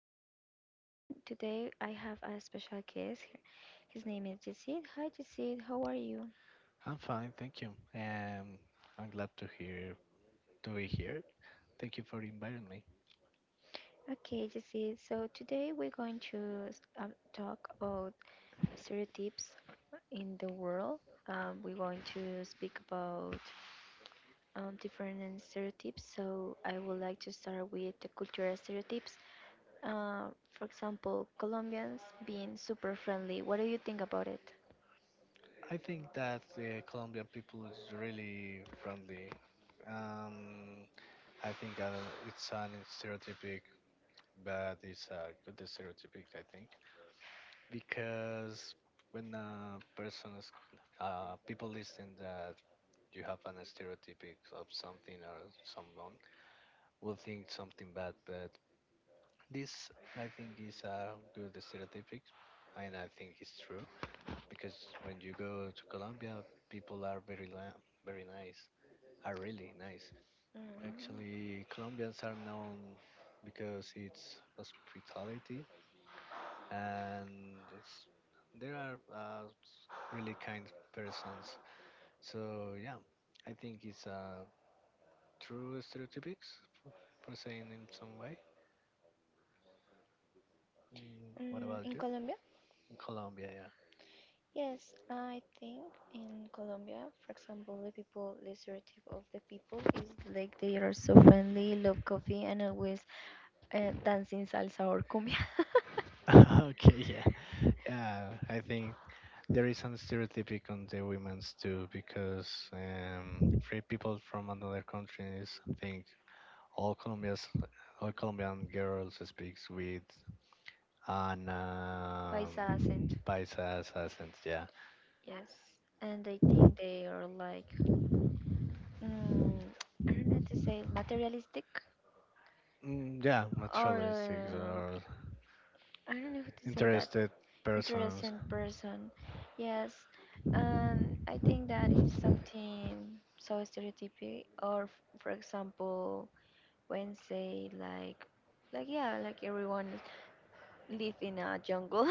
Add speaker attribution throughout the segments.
Speaker 1: Adriana, and today I have a special guest here. His name is Jesse. Hi, Jesse. How are you?
Speaker 2: I'm fine, thank you. Um, I'm glad to hear to be here. Thank you for inviting me.
Speaker 1: Okay, Jesse. So today we're going to talk about stereotypes in the world. We're going to speak about different stereotypes. So I would like to start with the cultural stereotypes. For example, Colombians being super friendly. What do you think about it?
Speaker 2: I think that the Colombian people is really friendly. Um, I think it's an stereotypic, but it's a good stereotypic, I think, because when a person is, people listen that you have an stereotypic of something or someone will think something bad, but this, I think, is a good stereotype, and I think it's true because when you go to Colombia, people are very nice, are really nice.
Speaker 1: Mm,
Speaker 2: Actually, Colombians are known because it's hospitality, and there are really kind persons. So yeah, I think it's a true stereotypes for for saying in some way. What about
Speaker 1: in
Speaker 2: you?
Speaker 1: Colombia?
Speaker 2: In Colombia,
Speaker 1: Yes, I think in Colombia, for example, the people, the stereotype of the people is like they are so friendly, love coffee, and always dancing salsa or cumbia.
Speaker 2: yeah. Okay, yeah, I think there is some stereotypic on the women's too because free people from another countries think all Colombians, all Colombian girls speaks with an
Speaker 1: Paisa accent,
Speaker 2: paisas accent. Yeah,
Speaker 1: yes. And I think they are like, mm, I don't know to say, materialistic
Speaker 2: mm, yeah,
Speaker 1: or
Speaker 2: naturalistics or
Speaker 1: I don't know how to say that.
Speaker 2: interested persons.
Speaker 1: Interesting person. Yes. And I think that is something so stereotypic. Or, for example, when say like yeah, like everyone live in a jungle.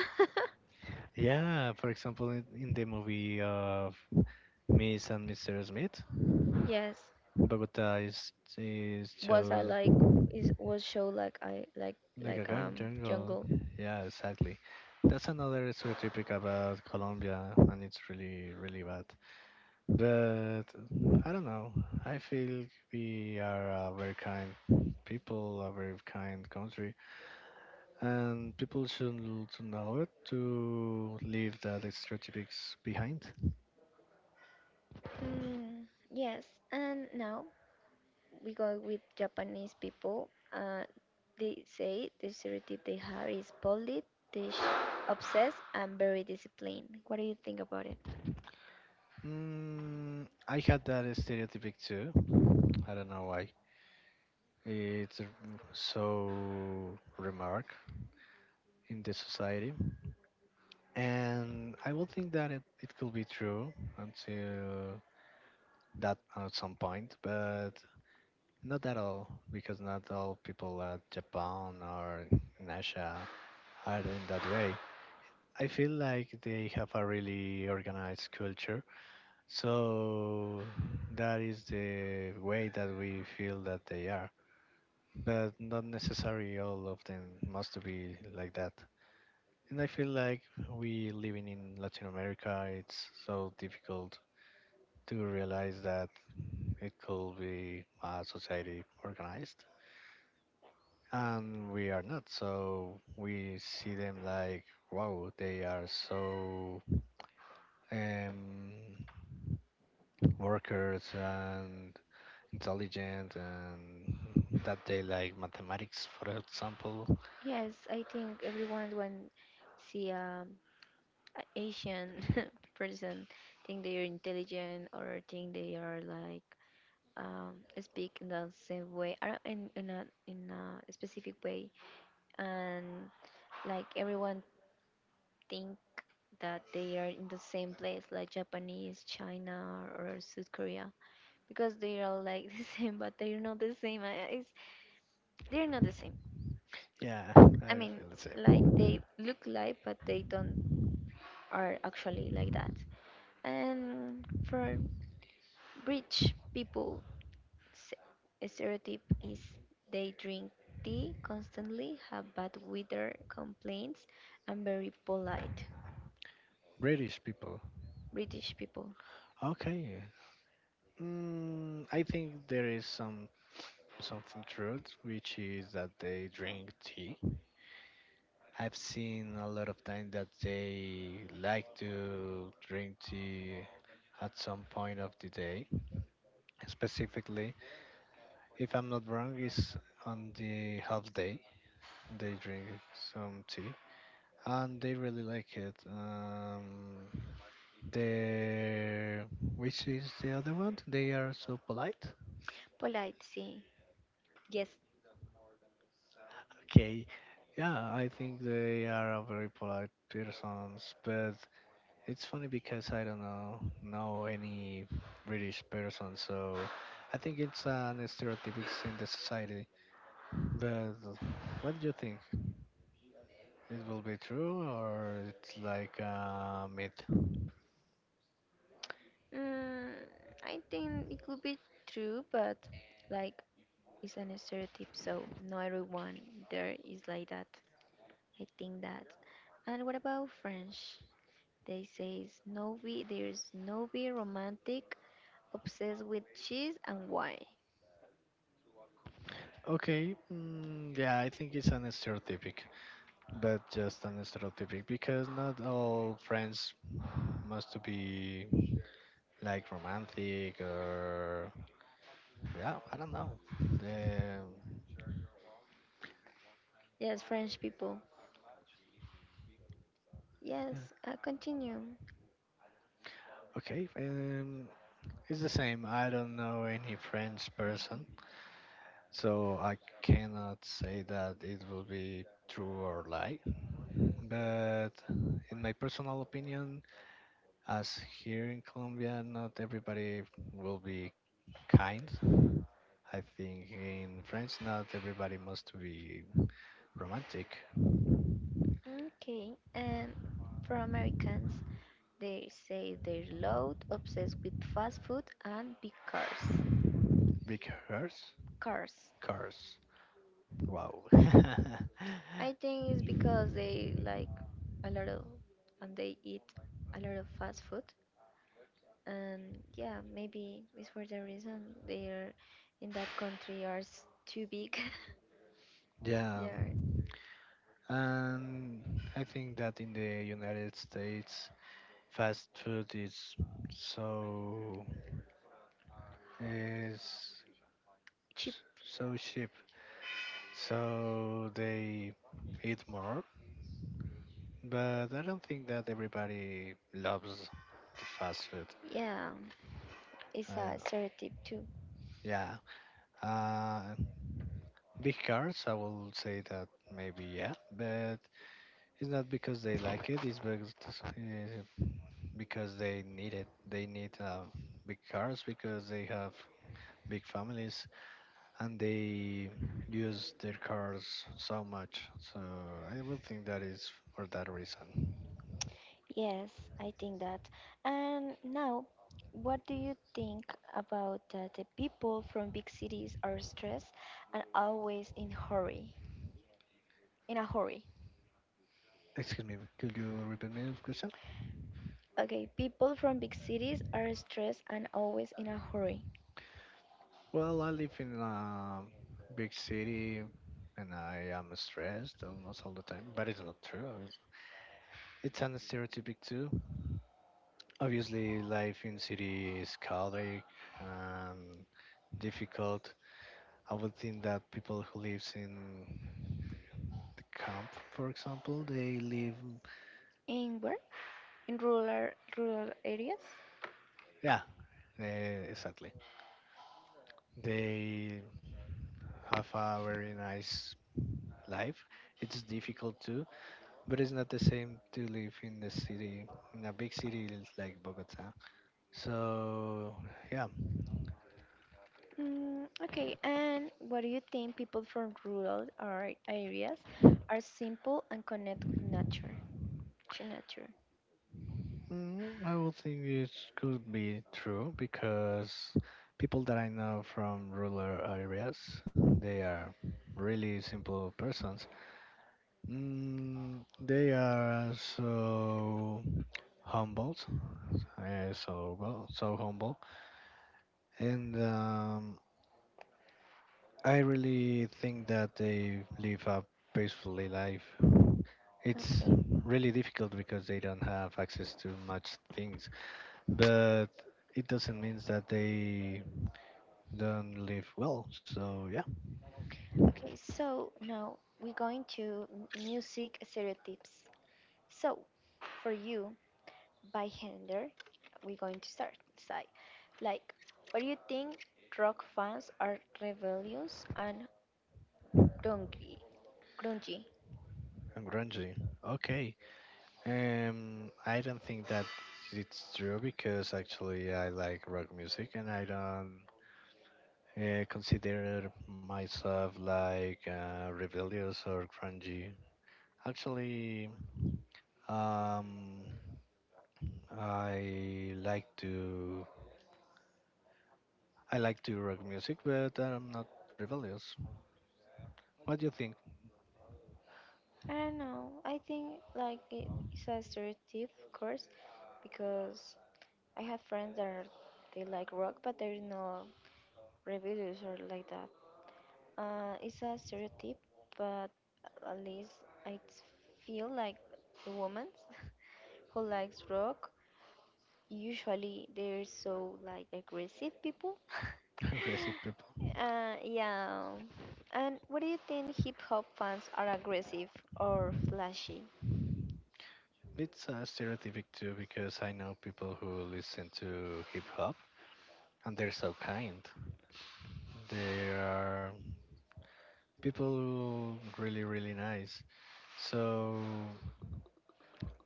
Speaker 2: Yeah, for example, in the movie of Miss and Mr. Smith,
Speaker 1: Yes.
Speaker 2: Bogota is
Speaker 1: Was I
Speaker 2: chose
Speaker 1: like is was show like I like
Speaker 2: like a
Speaker 1: like
Speaker 2: gun
Speaker 1: um
Speaker 2: jungle.
Speaker 1: jungle.
Speaker 2: Yeah, exactly. That's another stereotype about Colombia, and it's really, really bad. But I don't know. I feel we are a very kind people, a very kind country, and people should to know it to leave that stereotypes behind.
Speaker 1: Hmm. Yes. And now we go with Japanese people. They say the stereotype they have is polite, dish, obsessed, and very disciplined. What do you think about it?
Speaker 2: I had that stereotype too. I don't know why. It's so remark in the society and I will think that it could be true until that at some point, but not at all because not all people at Japan or in Asia are in that way. I feel like they have a really organized culture, so that is the way that we feel that they are. But not necessarily all of them must be like that. And I feel like we living in Latin America, it's so difficult to realize that it could be a society organized and we are not, so we see them like wow, they are so um, workers and intelligent and that they like mathematics, for example.
Speaker 1: Yes, I think everyone when see an Asian person think they are intelligent or think they are like um, speak in the same way or in a specific way, and like everyone think that they are in the same place like Japanese, China, or South Korea because they are all like the same, but they're not the same. It's, they're not the same.
Speaker 2: Yeah, I
Speaker 1: I mean,
Speaker 2: feel the
Speaker 1: like
Speaker 2: same.
Speaker 1: they look like, but they don't are actually like that. And for rich people, s- a stereotype is they drink tea constantly, have bad weather complaints, and very polite.
Speaker 2: British people.
Speaker 1: British people.
Speaker 2: Okay. I think there is something truth which is that they drink tea. I've seen a lot of time that they like to drink tea at some point of the day. Specifically, if I'm not wrong, it's on the half day they drink some tea and they really like it. They Which is the other one? They are so polite.
Speaker 1: Polite. See. Yes.
Speaker 2: Okay, yeah, I think they are a very polite persons, but it's funny because I don't know any British person, so I think it's an stereotype in the society. But what do you think? It will be true or it's like a myth?
Speaker 1: Mm, I think it could be true, but like it's an stereotype, so not everyone there is like that. I think that. And what about French? They say it's no be there's no be romantic, obsessed with cheese and wine.
Speaker 2: Okay, mm, yeah, I think it's an stereotypic, but just an stereotypic because not all friends must be like romantic or yeah, I don't know. The,
Speaker 1: Yes, French people. Yes, I continue.
Speaker 2: okay, it's the same. I don't know any French person, so I cannot say that it will be true or lie. But in my personal opinion, as here in Colombia, not everybody will be kind. I think in France, not everybody must be romantic.
Speaker 1: Okay, and for Americans, they say they're loud, obsessed with fast food and big cars.
Speaker 2: Big hearts,
Speaker 1: Cars.
Speaker 2: cars. Wow.
Speaker 1: I think it's because they like a lot of and they eat a lot of fast food and yeah, maybe it's for the reason they are in that country are too big. They
Speaker 2: Yeah.
Speaker 1: are
Speaker 2: And I think that in the United States, fast food is so is
Speaker 1: cheap.
Speaker 2: so cheap, so they eat more. But I don't think that everybody loves the fast food.
Speaker 1: Yeah, it's a
Speaker 2: Uh,
Speaker 1: stereotype too.
Speaker 2: yeah, uh, big cars. I will say that maybe yeah, but it's not because they like it. It's uh, because they need it. They need big cars because they have big families and they use their cars so much. So I will think that is for that reason.
Speaker 1: Yes, I think that. And now, what do you think about that the people from big cities are stressed and always in hurry, in a hurry?
Speaker 2: Excuse me, could you repeat me this question?
Speaker 1: Okay, people from big cities are stressed and always in a hurry.
Speaker 2: Well, I live in a big city and I am stressed almost all the time, but it's not true. It's an stereotypic too. Obviously, life in city is chaotic and difficult. I would think that people who lives in the camp, for example,
Speaker 1: In where? In rural areas?
Speaker 2: yeah, uh, exactly. They have a very nice life. It's difficult too, but it's not the same to live in the city, in a big city like Bogota. So, yeah,
Speaker 1: Okay, and what do you think people from rural areas are simple and connect with nature? To nature.
Speaker 2: I would think it could be true because people that I know from rural areas, they are really simple persons. They are so humble, so well, so humble, and I really think that they live a peacefully life. It's
Speaker 1: Okay.
Speaker 2: really difficult because they don't have access to much things, but it doesn't mean that they don't live well. So yeah,
Speaker 1: Okay, so now we're going to music stereotypes. So, for you, by gender, we're going to start side. Like, what do you think rock fans are rebellious and grungy? grungy?
Speaker 2: I'm grungy. Okay. I don't think that it's true because actually I like rock music and I don't consider myself like rebellious or grungy. Actually, um, I like to I like to rock music, but I'm not rebellious. What do you think,
Speaker 1: I don't know. I think like it's a stereotype, of course, because I have friends that are, they like rock, but there is no rebellious or like that. It's a stereotype, but at least I feel like the woman who likes rock. Usually they're so like aggressive people.
Speaker 2: Reset people?
Speaker 1: Yeah. And what do you think hip hop fans are aggressive or flashy?
Speaker 2: It's stereotypic too because I know people who listen to hip hop and they're so kind. They are people who really really nice. So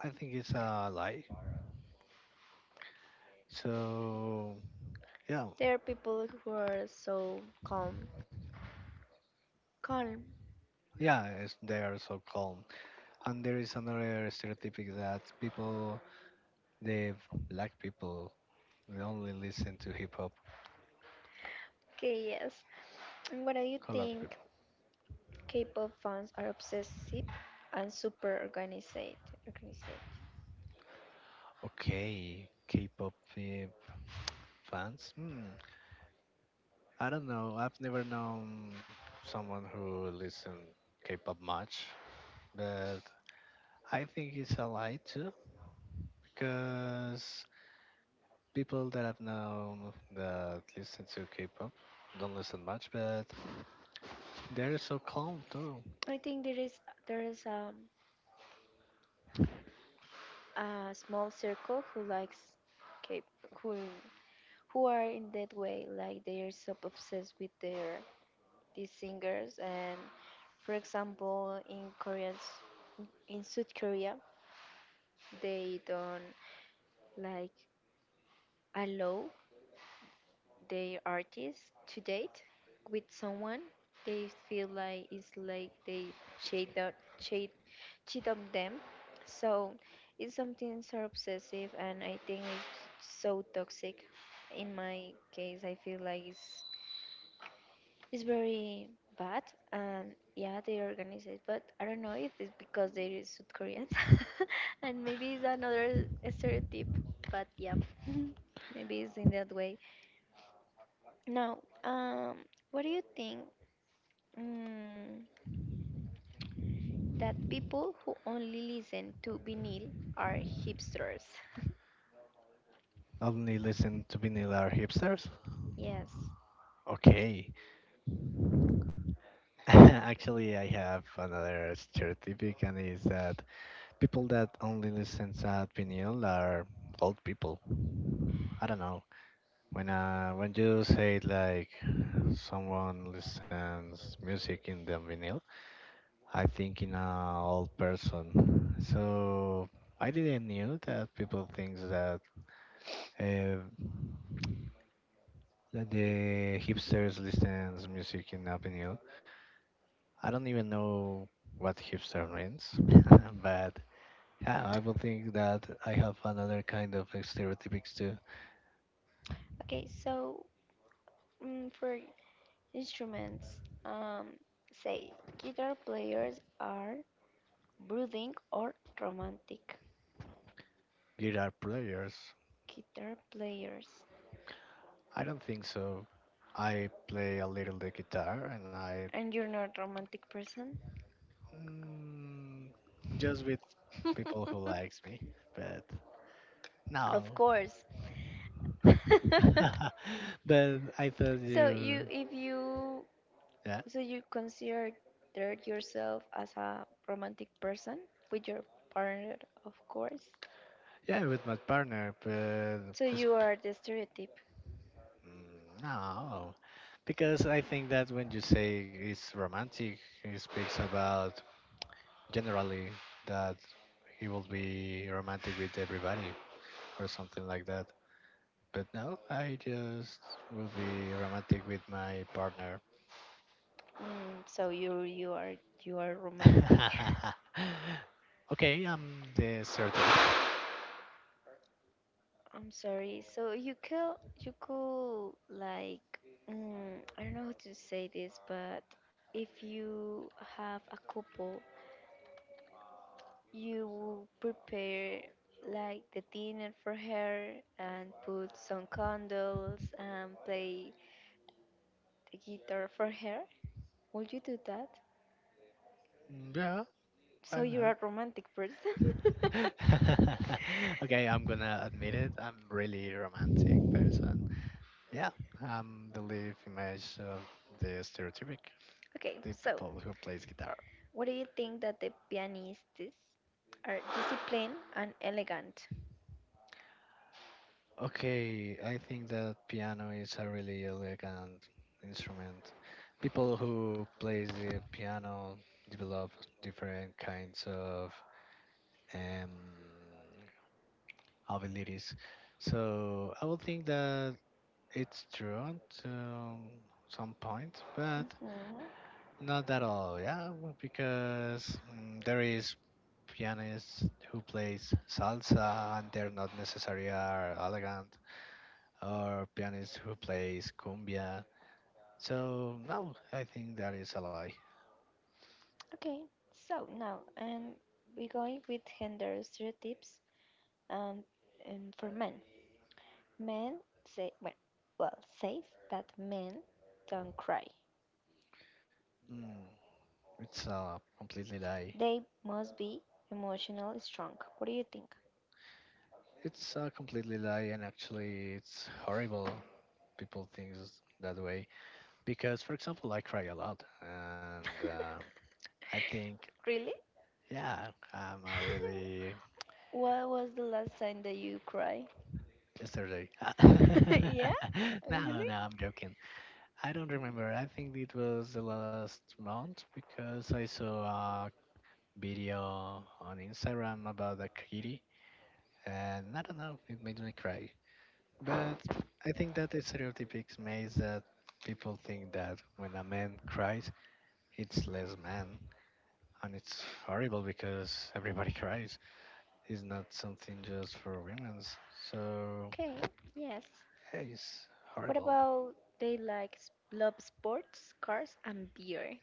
Speaker 2: I think it's a lie. So yeah,
Speaker 1: There are people who are so calm. Calm.
Speaker 2: yeah, they are so calm. And there is another stereotypic that people, they black people. We only listen to hip hop.
Speaker 1: Okay, yes. And what do you
Speaker 2: Color people.
Speaker 1: think K-pop fans are obsessive and super organized? Organized.
Speaker 2: Okay, K-pop fans. Hmm. I don't know. I've never known someone who listen K-pop much, but I think it's a lie too because people that I've known that listen to K-pop don't listen much, but they're so calm too.
Speaker 1: I think there is there is um, a small circle who likes K who who are in that way like they're so obsessed with their these singers. And for example in Koreans, in South Korea, they don't like allow their artists to date with someone. They feel like it's like they cheat on cheat cheat on them, so it's something so obsessive, and I think it's so toxic. In my case I feel like it's very bad, and yeah, they organize it, but I don't know if it's because they're South Koreans, and maybe it's another stereotype, but yeah, maybe it's in that way. Now, what do you think mm, that people who only listen to vinyl are hipsters?
Speaker 2: Only listen to vanilla are hipsters.
Speaker 1: Yes,
Speaker 2: Okay. Actually, I have another stereotypic, and is that people that only listen to vinyl are old people. I don't know. When you say like someone listens music in the vinyl, I think in a old person. So I didn't knew that people think uh, that
Speaker 1: bin,
Speaker 2: the
Speaker 1: bin.
Speaker 2: hipsters listens music in a vinyl. I don't even know what hipster means, but yeah, I would think that I have another kind of stereotypics too.
Speaker 1: Okay, so for instruments, say guitar players are brooding, or romantic.
Speaker 2: Guitar players?
Speaker 1: Guitar players.
Speaker 2: I don't think so. I play a little the guitar and I.
Speaker 1: And you're not a romantic person?
Speaker 2: mm, just with people who likes me, but
Speaker 1: Of
Speaker 2: no.
Speaker 1: course.
Speaker 2: But I thought
Speaker 1: So you,
Speaker 2: you,
Speaker 1: if you,
Speaker 2: yeah,
Speaker 1: so you consider yourself as a romantic person with your partner, of course.
Speaker 2: yeah, with my partner, but
Speaker 1: So
Speaker 2: it's-
Speaker 1: you are the stereotype.
Speaker 2: No, because I think that when you say it's romantic, it speaks about generally that he will be romantic with everybody or something like that. But no, I just will be romantic with my partner.
Speaker 1: So you are romantic.
Speaker 2: Okay, I'm the certificate.
Speaker 1: I'm sorry. So you could like I don't know how to say this, but if you have a couple, you will prepare like the dinner for her and put some candles and play the guitar for her. Would you do that?
Speaker 2: Yeah, why
Speaker 1: So you're a
Speaker 2: not?
Speaker 1: romantic person.
Speaker 2: Okay, I'm gonna admit it. I'm really romantic person. Yeah, I'm the live image of the stereotypic,
Speaker 1: Okay,
Speaker 2: the
Speaker 1: so
Speaker 2: people who plays guitar.
Speaker 1: what do you think that the pianistas are disciplined and elegant?
Speaker 2: Okay, I think that piano is a really elegant instrument. People who play the piano develop different kinds of um, abilities. So I would think that it's true to some point, but
Speaker 1: Hmm.
Speaker 2: not at all. Yeah, because there is pianists who plays salsa and they're not necessarily are elegant or pianist who plays cumbia. So no, I think that is a lie.
Speaker 1: Okay, so now we're going with gender stereotypes. and, and for men. Men say well says that men don't cry.
Speaker 2: Mm, it's a completely lie.
Speaker 1: They must be emotionally strong. What do you think?
Speaker 2: It's a completely lie, and actually, it's horrible. People think that way because, for example, I cry a lot, and I think,
Speaker 1: Really?
Speaker 2: yeah, I'm a really.
Speaker 1: What was the last time that you cried?
Speaker 2: Yesterday.
Speaker 1: Yeah,
Speaker 2: No,
Speaker 1: really?
Speaker 2: no, I'm joking. I don't remember. I think it was the last month because I saw video on Instagram about a kitty, and I don't know, it made me cry. But I think that the stereotypic makes that people think that when a man cries, it's less man, and it's horrible because everybody cries. It's not something just for women's. So
Speaker 1: Okay. Yes.
Speaker 2: yeah, it's
Speaker 1: What
Speaker 2: horrible.
Speaker 1: about they like love sports, cars, and beer?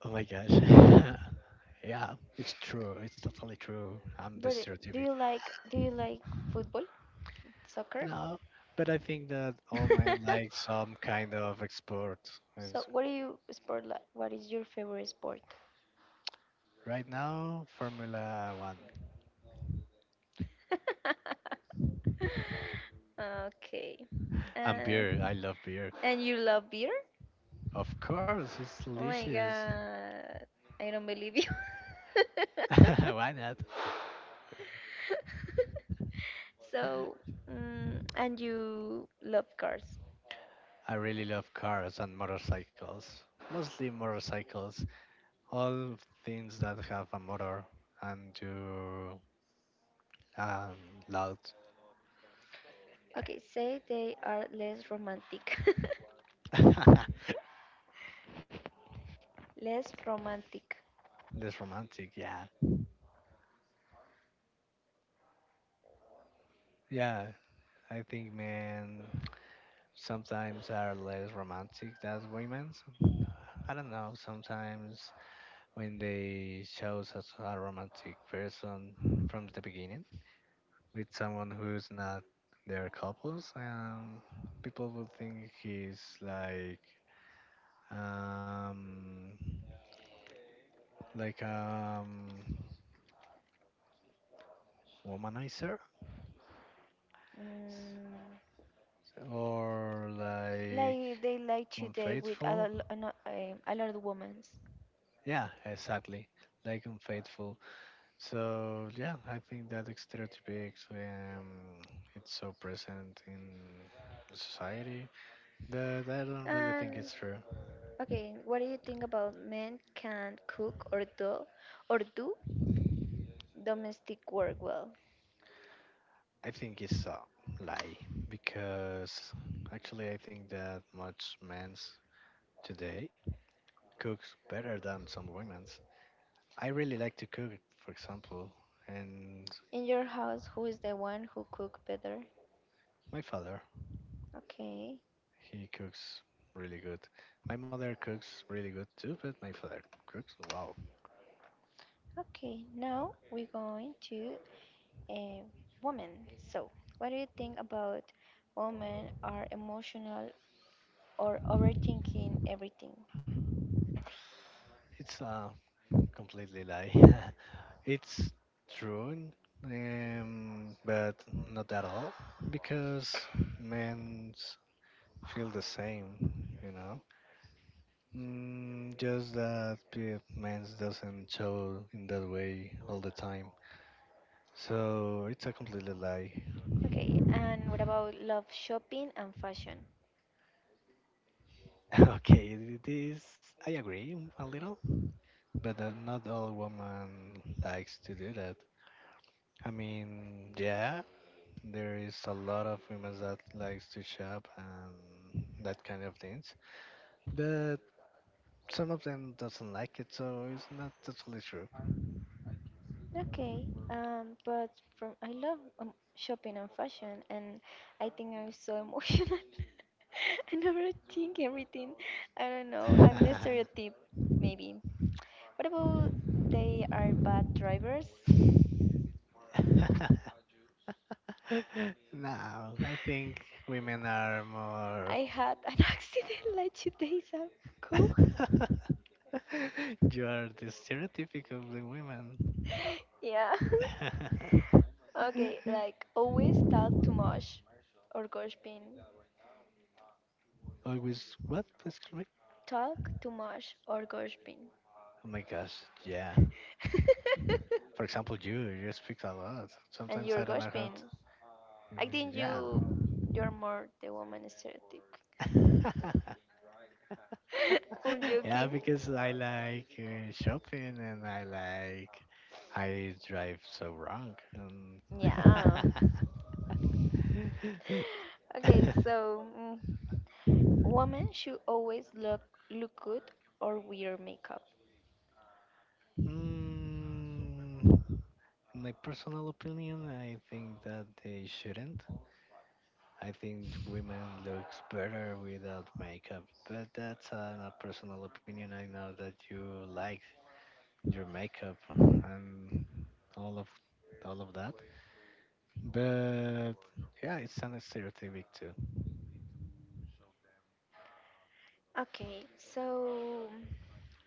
Speaker 2: Oh my gosh. Yeah, it's true. It's totally true. I'm the
Speaker 1: But do
Speaker 2: stereotypic.
Speaker 1: you like do you like football, soccer?
Speaker 2: No, but I think that all men like some kind of export. It's
Speaker 1: So what do you sport like? What is your favorite sport?
Speaker 2: right now Formula One
Speaker 1: Okay.
Speaker 2: and
Speaker 1: Uh,
Speaker 2: beer. I love beer.
Speaker 1: and you love beer?
Speaker 2: Of course, it's
Speaker 1: Oh my
Speaker 2: delicious.
Speaker 1: god. I don't believe you.
Speaker 2: Why not?
Speaker 1: So, and you love cars.
Speaker 2: I really love cars and motorcycles. Mostly motorcycles. All things that have a motor and you um, loud.
Speaker 1: Okay, say they are less romantic. Less romantic.
Speaker 2: Less romantic, yeah. Yeah, I think men sometimes are less romantic than women. I don't know. Sometimes when they show us a romantic person from the beginning with someone who's not their couples, people will think he's um, like womanizer
Speaker 1: Mm,
Speaker 2: or like
Speaker 1: like they like to date with a
Speaker 2: unfaithful.
Speaker 1: lot, a lot um, a lot of women.
Speaker 2: Yeah, exactly. Like unfaithful. So yeah, I think that stereotypes it's so present in society, but I don't really think
Speaker 1: And
Speaker 2: it's true.
Speaker 1: okay, what do you think about men can't cook or do domestic work well.
Speaker 2: I think it's a lie because actually I think that much men's today cooks better than some women's. I really like to cook, for example, and
Speaker 1: In your house who is the one who cook better?
Speaker 2: my father
Speaker 1: Okay.
Speaker 2: he cooks really good. My mother cooks really good too, but my father cooks wow.
Speaker 1: Okay, now we're going to a woman. So what do you think about women are emotional or overthinking everything?
Speaker 2: It's a completely lie. It's true, but not at all, because men feel the same, you know. Just that men doesn't show in that way all the time. So it's a completely lie.
Speaker 1: Okay, and what about love shopping and fashion?
Speaker 2: Okay, it is. I agree a little, but not all women likes to do that. I mean, yeah, there is a lot of women that likes to shop and that kind of things, but some of them doesn't like it, so it's not totally true.
Speaker 1: Okay, but from I love shopping and fashion, and I think I'm so emotional. I never think everything. I don't know. I'm the stereotype, maybe. What about they are bad drivers?
Speaker 2: No, I think women are more.
Speaker 1: I had an accident like 2 days ago.
Speaker 2: You are the stereotypic of the women.
Speaker 1: Yeah. Okay, like always talk too much or gossiping.
Speaker 2: Always what? Excuse me.
Speaker 1: Talk too much or gossiping.
Speaker 2: Oh my gosh, yeah. For example, you speak a lot.
Speaker 1: And
Speaker 2: Sometimes
Speaker 1: you're
Speaker 2: I don't know how to.
Speaker 1: gossiping. I think
Speaker 2: Yeah.
Speaker 1: you're more the woman stereotype. I'm
Speaker 2: Yeah,
Speaker 1: joking.
Speaker 2: because I like shopping and I drive so wrong. And
Speaker 1: Yeah. Okay, so women should always look good or wear makeup.
Speaker 2: mm, my personal opinion, I think that they shouldn't. I think women looks better without makeup, but that's a personal opinion. I know that you like your makeup and all of all of that, but yeah, it's kind of stereotypic too.
Speaker 1: Okay, so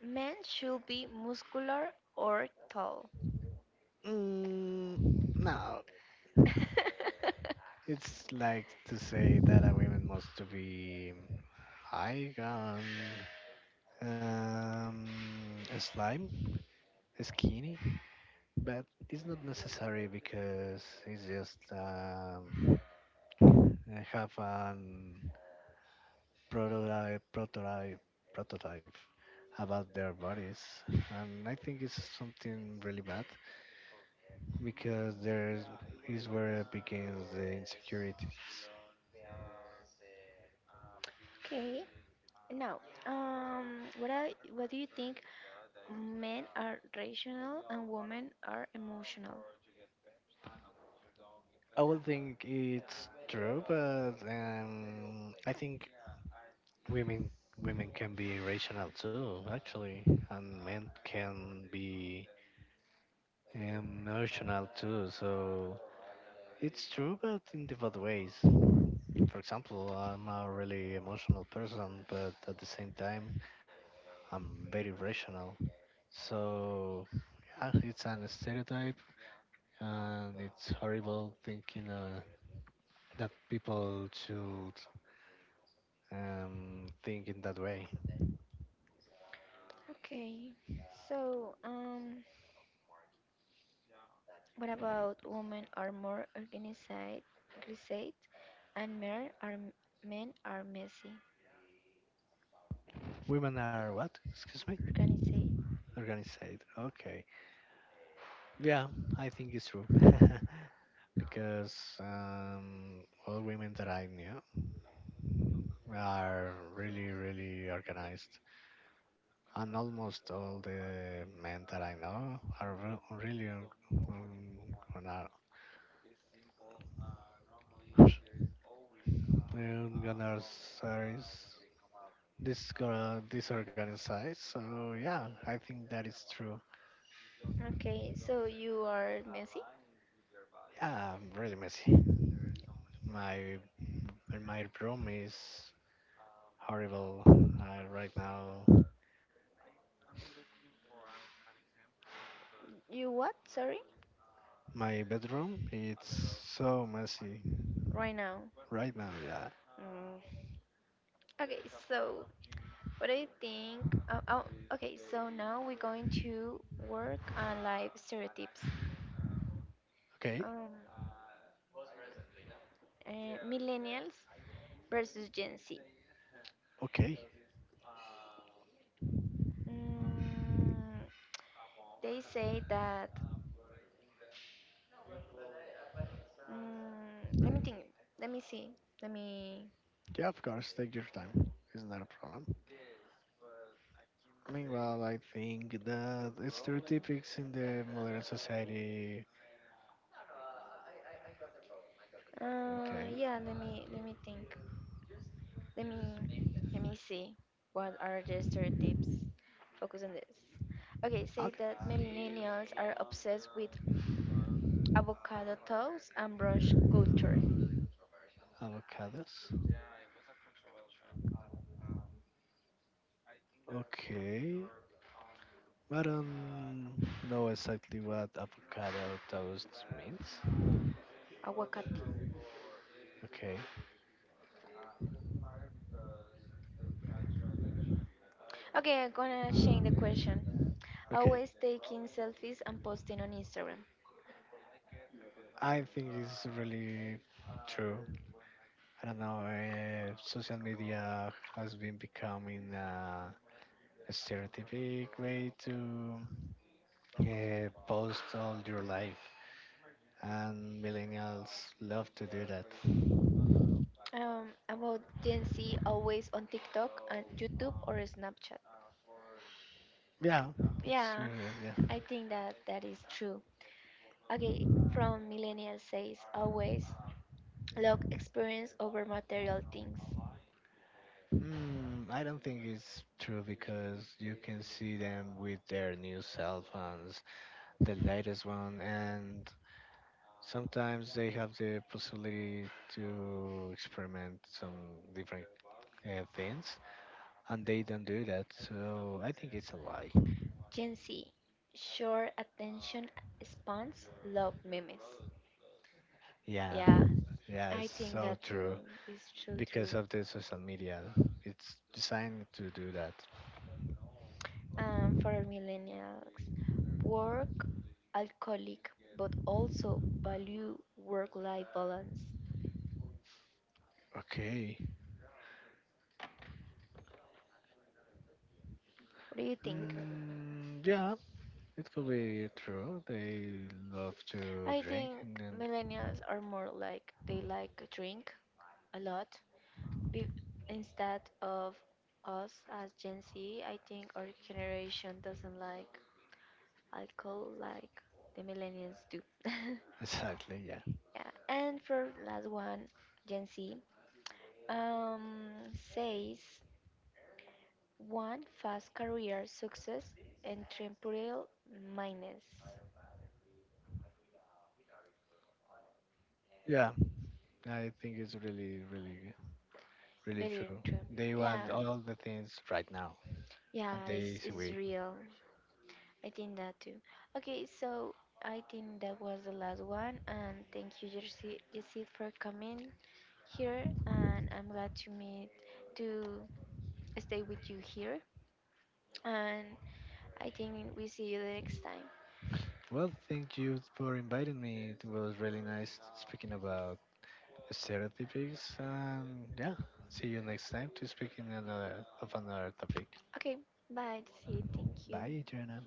Speaker 1: men should be muscular or tall.
Speaker 2: Mm, no, it's like to say that a woman must to be high on um, slime, skinny, but it's not necessary because it's just. I have a prototype, prototype, prototype about their bodies, and I think it's something really bad because there is where it begins the insecurities.
Speaker 1: Okay. Now, what do you think? Men are rational and women are emotional.
Speaker 2: I would think it's true, but I think women women can be rational too, actually, and men can be emotional too. So it's true, but in different ways. For example, I'm a really emotional person, but at the same time, I'm very rational. So, yeah, it's an stereotype, and it's horrible thinking that people should think in that way.
Speaker 1: Okay. So, what about women are more organized and men are messy,
Speaker 2: Women are what? Excuse me?
Speaker 1: organized.
Speaker 2: Organized. Okay. Yeah, I think it's true. Because all women that I knew are really, really organized. And almost all the men that I know are really gonna, gonna say is disorganized. So yeah, I think that is true.
Speaker 1: Okay, so you are messy?
Speaker 2: Yeah, I'm really messy. My my room is horrible right now.
Speaker 1: You what? Sorry?
Speaker 2: My bedroom, it's so messy
Speaker 1: Right now.
Speaker 2: right now, yeah.
Speaker 1: Mm. Okay, so what do you think? Oh, oh, okay, so now we're going to work on life stereotypes.
Speaker 2: Okay,
Speaker 1: Um, Millennials versus Gen Z.
Speaker 2: okay.
Speaker 1: Mm, they say that Let me think. Let me see. Let me.
Speaker 2: Yeah, of course, take your time. It's not a problem. Meanwhile, I think that stereotypics in the modern society.
Speaker 1: Uh,
Speaker 2: Okay,
Speaker 1: yeah. Let me. Let me think. Let me. Let me see. What are the stereotypes? Focus on this. Okay. Say
Speaker 2: okay.
Speaker 1: that millennials are obsessed with avocado toast and brunch culture.
Speaker 2: Avocados? Okay, I don't know exactly what avocado toast means.
Speaker 1: Aguacate.
Speaker 2: Okay,
Speaker 1: Okay, I'm gonna change the question.
Speaker 2: okay.
Speaker 1: Always taking selfies and posting on Instagram.
Speaker 2: I think it's really true. I don't know. Social media has been becoming a stereotypic way to post all your life, and millennials love to do that.
Speaker 1: About Gen Z, always on TikTok and YouTube or Snapchat.
Speaker 2: Yeah, it's
Speaker 1: Yeah,
Speaker 2: really. Yeah.
Speaker 1: I think that that is true. Okay, from millennial says always look experience over material things.
Speaker 2: I don't think it's true because you can see them with their new cell phones, the latest one, and sometimes they have the possibility to experiment some different things, and they don't do that. So I think it's a lie.
Speaker 1: Gen Z, short attention spans, love memes.
Speaker 2: Yeah,
Speaker 1: Yeah,
Speaker 2: yeah, it's
Speaker 1: I think
Speaker 2: so
Speaker 1: that too
Speaker 2: true.
Speaker 1: is true
Speaker 2: Because
Speaker 1: too.
Speaker 2: of the social media, it's designed to do that.
Speaker 1: For millennials, work, alcoholic, but also value work-life balance.
Speaker 2: Okay.
Speaker 1: What do you think?
Speaker 2: Mm, yeah, it could be true. They love to
Speaker 1: I
Speaker 2: drink
Speaker 1: think
Speaker 2: and then
Speaker 1: millennials are more like they like drink a lot. Be- instead of us as Gen Z, I think our generation doesn't like alcohol like the millennials do.
Speaker 2: exactly, yeah.
Speaker 1: Yeah. And for last one, Gen Z um, says one fast career success and temporal minus.
Speaker 2: Yeah, I think it's really, really, really
Speaker 1: Very
Speaker 2: true.
Speaker 1: true.
Speaker 2: They want
Speaker 1: Yeah.
Speaker 2: all the things right now,
Speaker 1: Yeah,
Speaker 2: and the
Speaker 1: it's,
Speaker 2: easy
Speaker 1: it's
Speaker 2: way.
Speaker 1: real. I think that too. Okay, so I think that was the last one, and thank you, Jesse for coming here, and I'm glad to meet to stay with you here, and I think we see you the next time.
Speaker 2: Well, thank you for inviting me. It was really nice speaking about stereotypes, and yeah, see you next time to speak in another of another topic.
Speaker 1: Okay, bye, Jesse. Thank you.
Speaker 2: Bye, Joanna.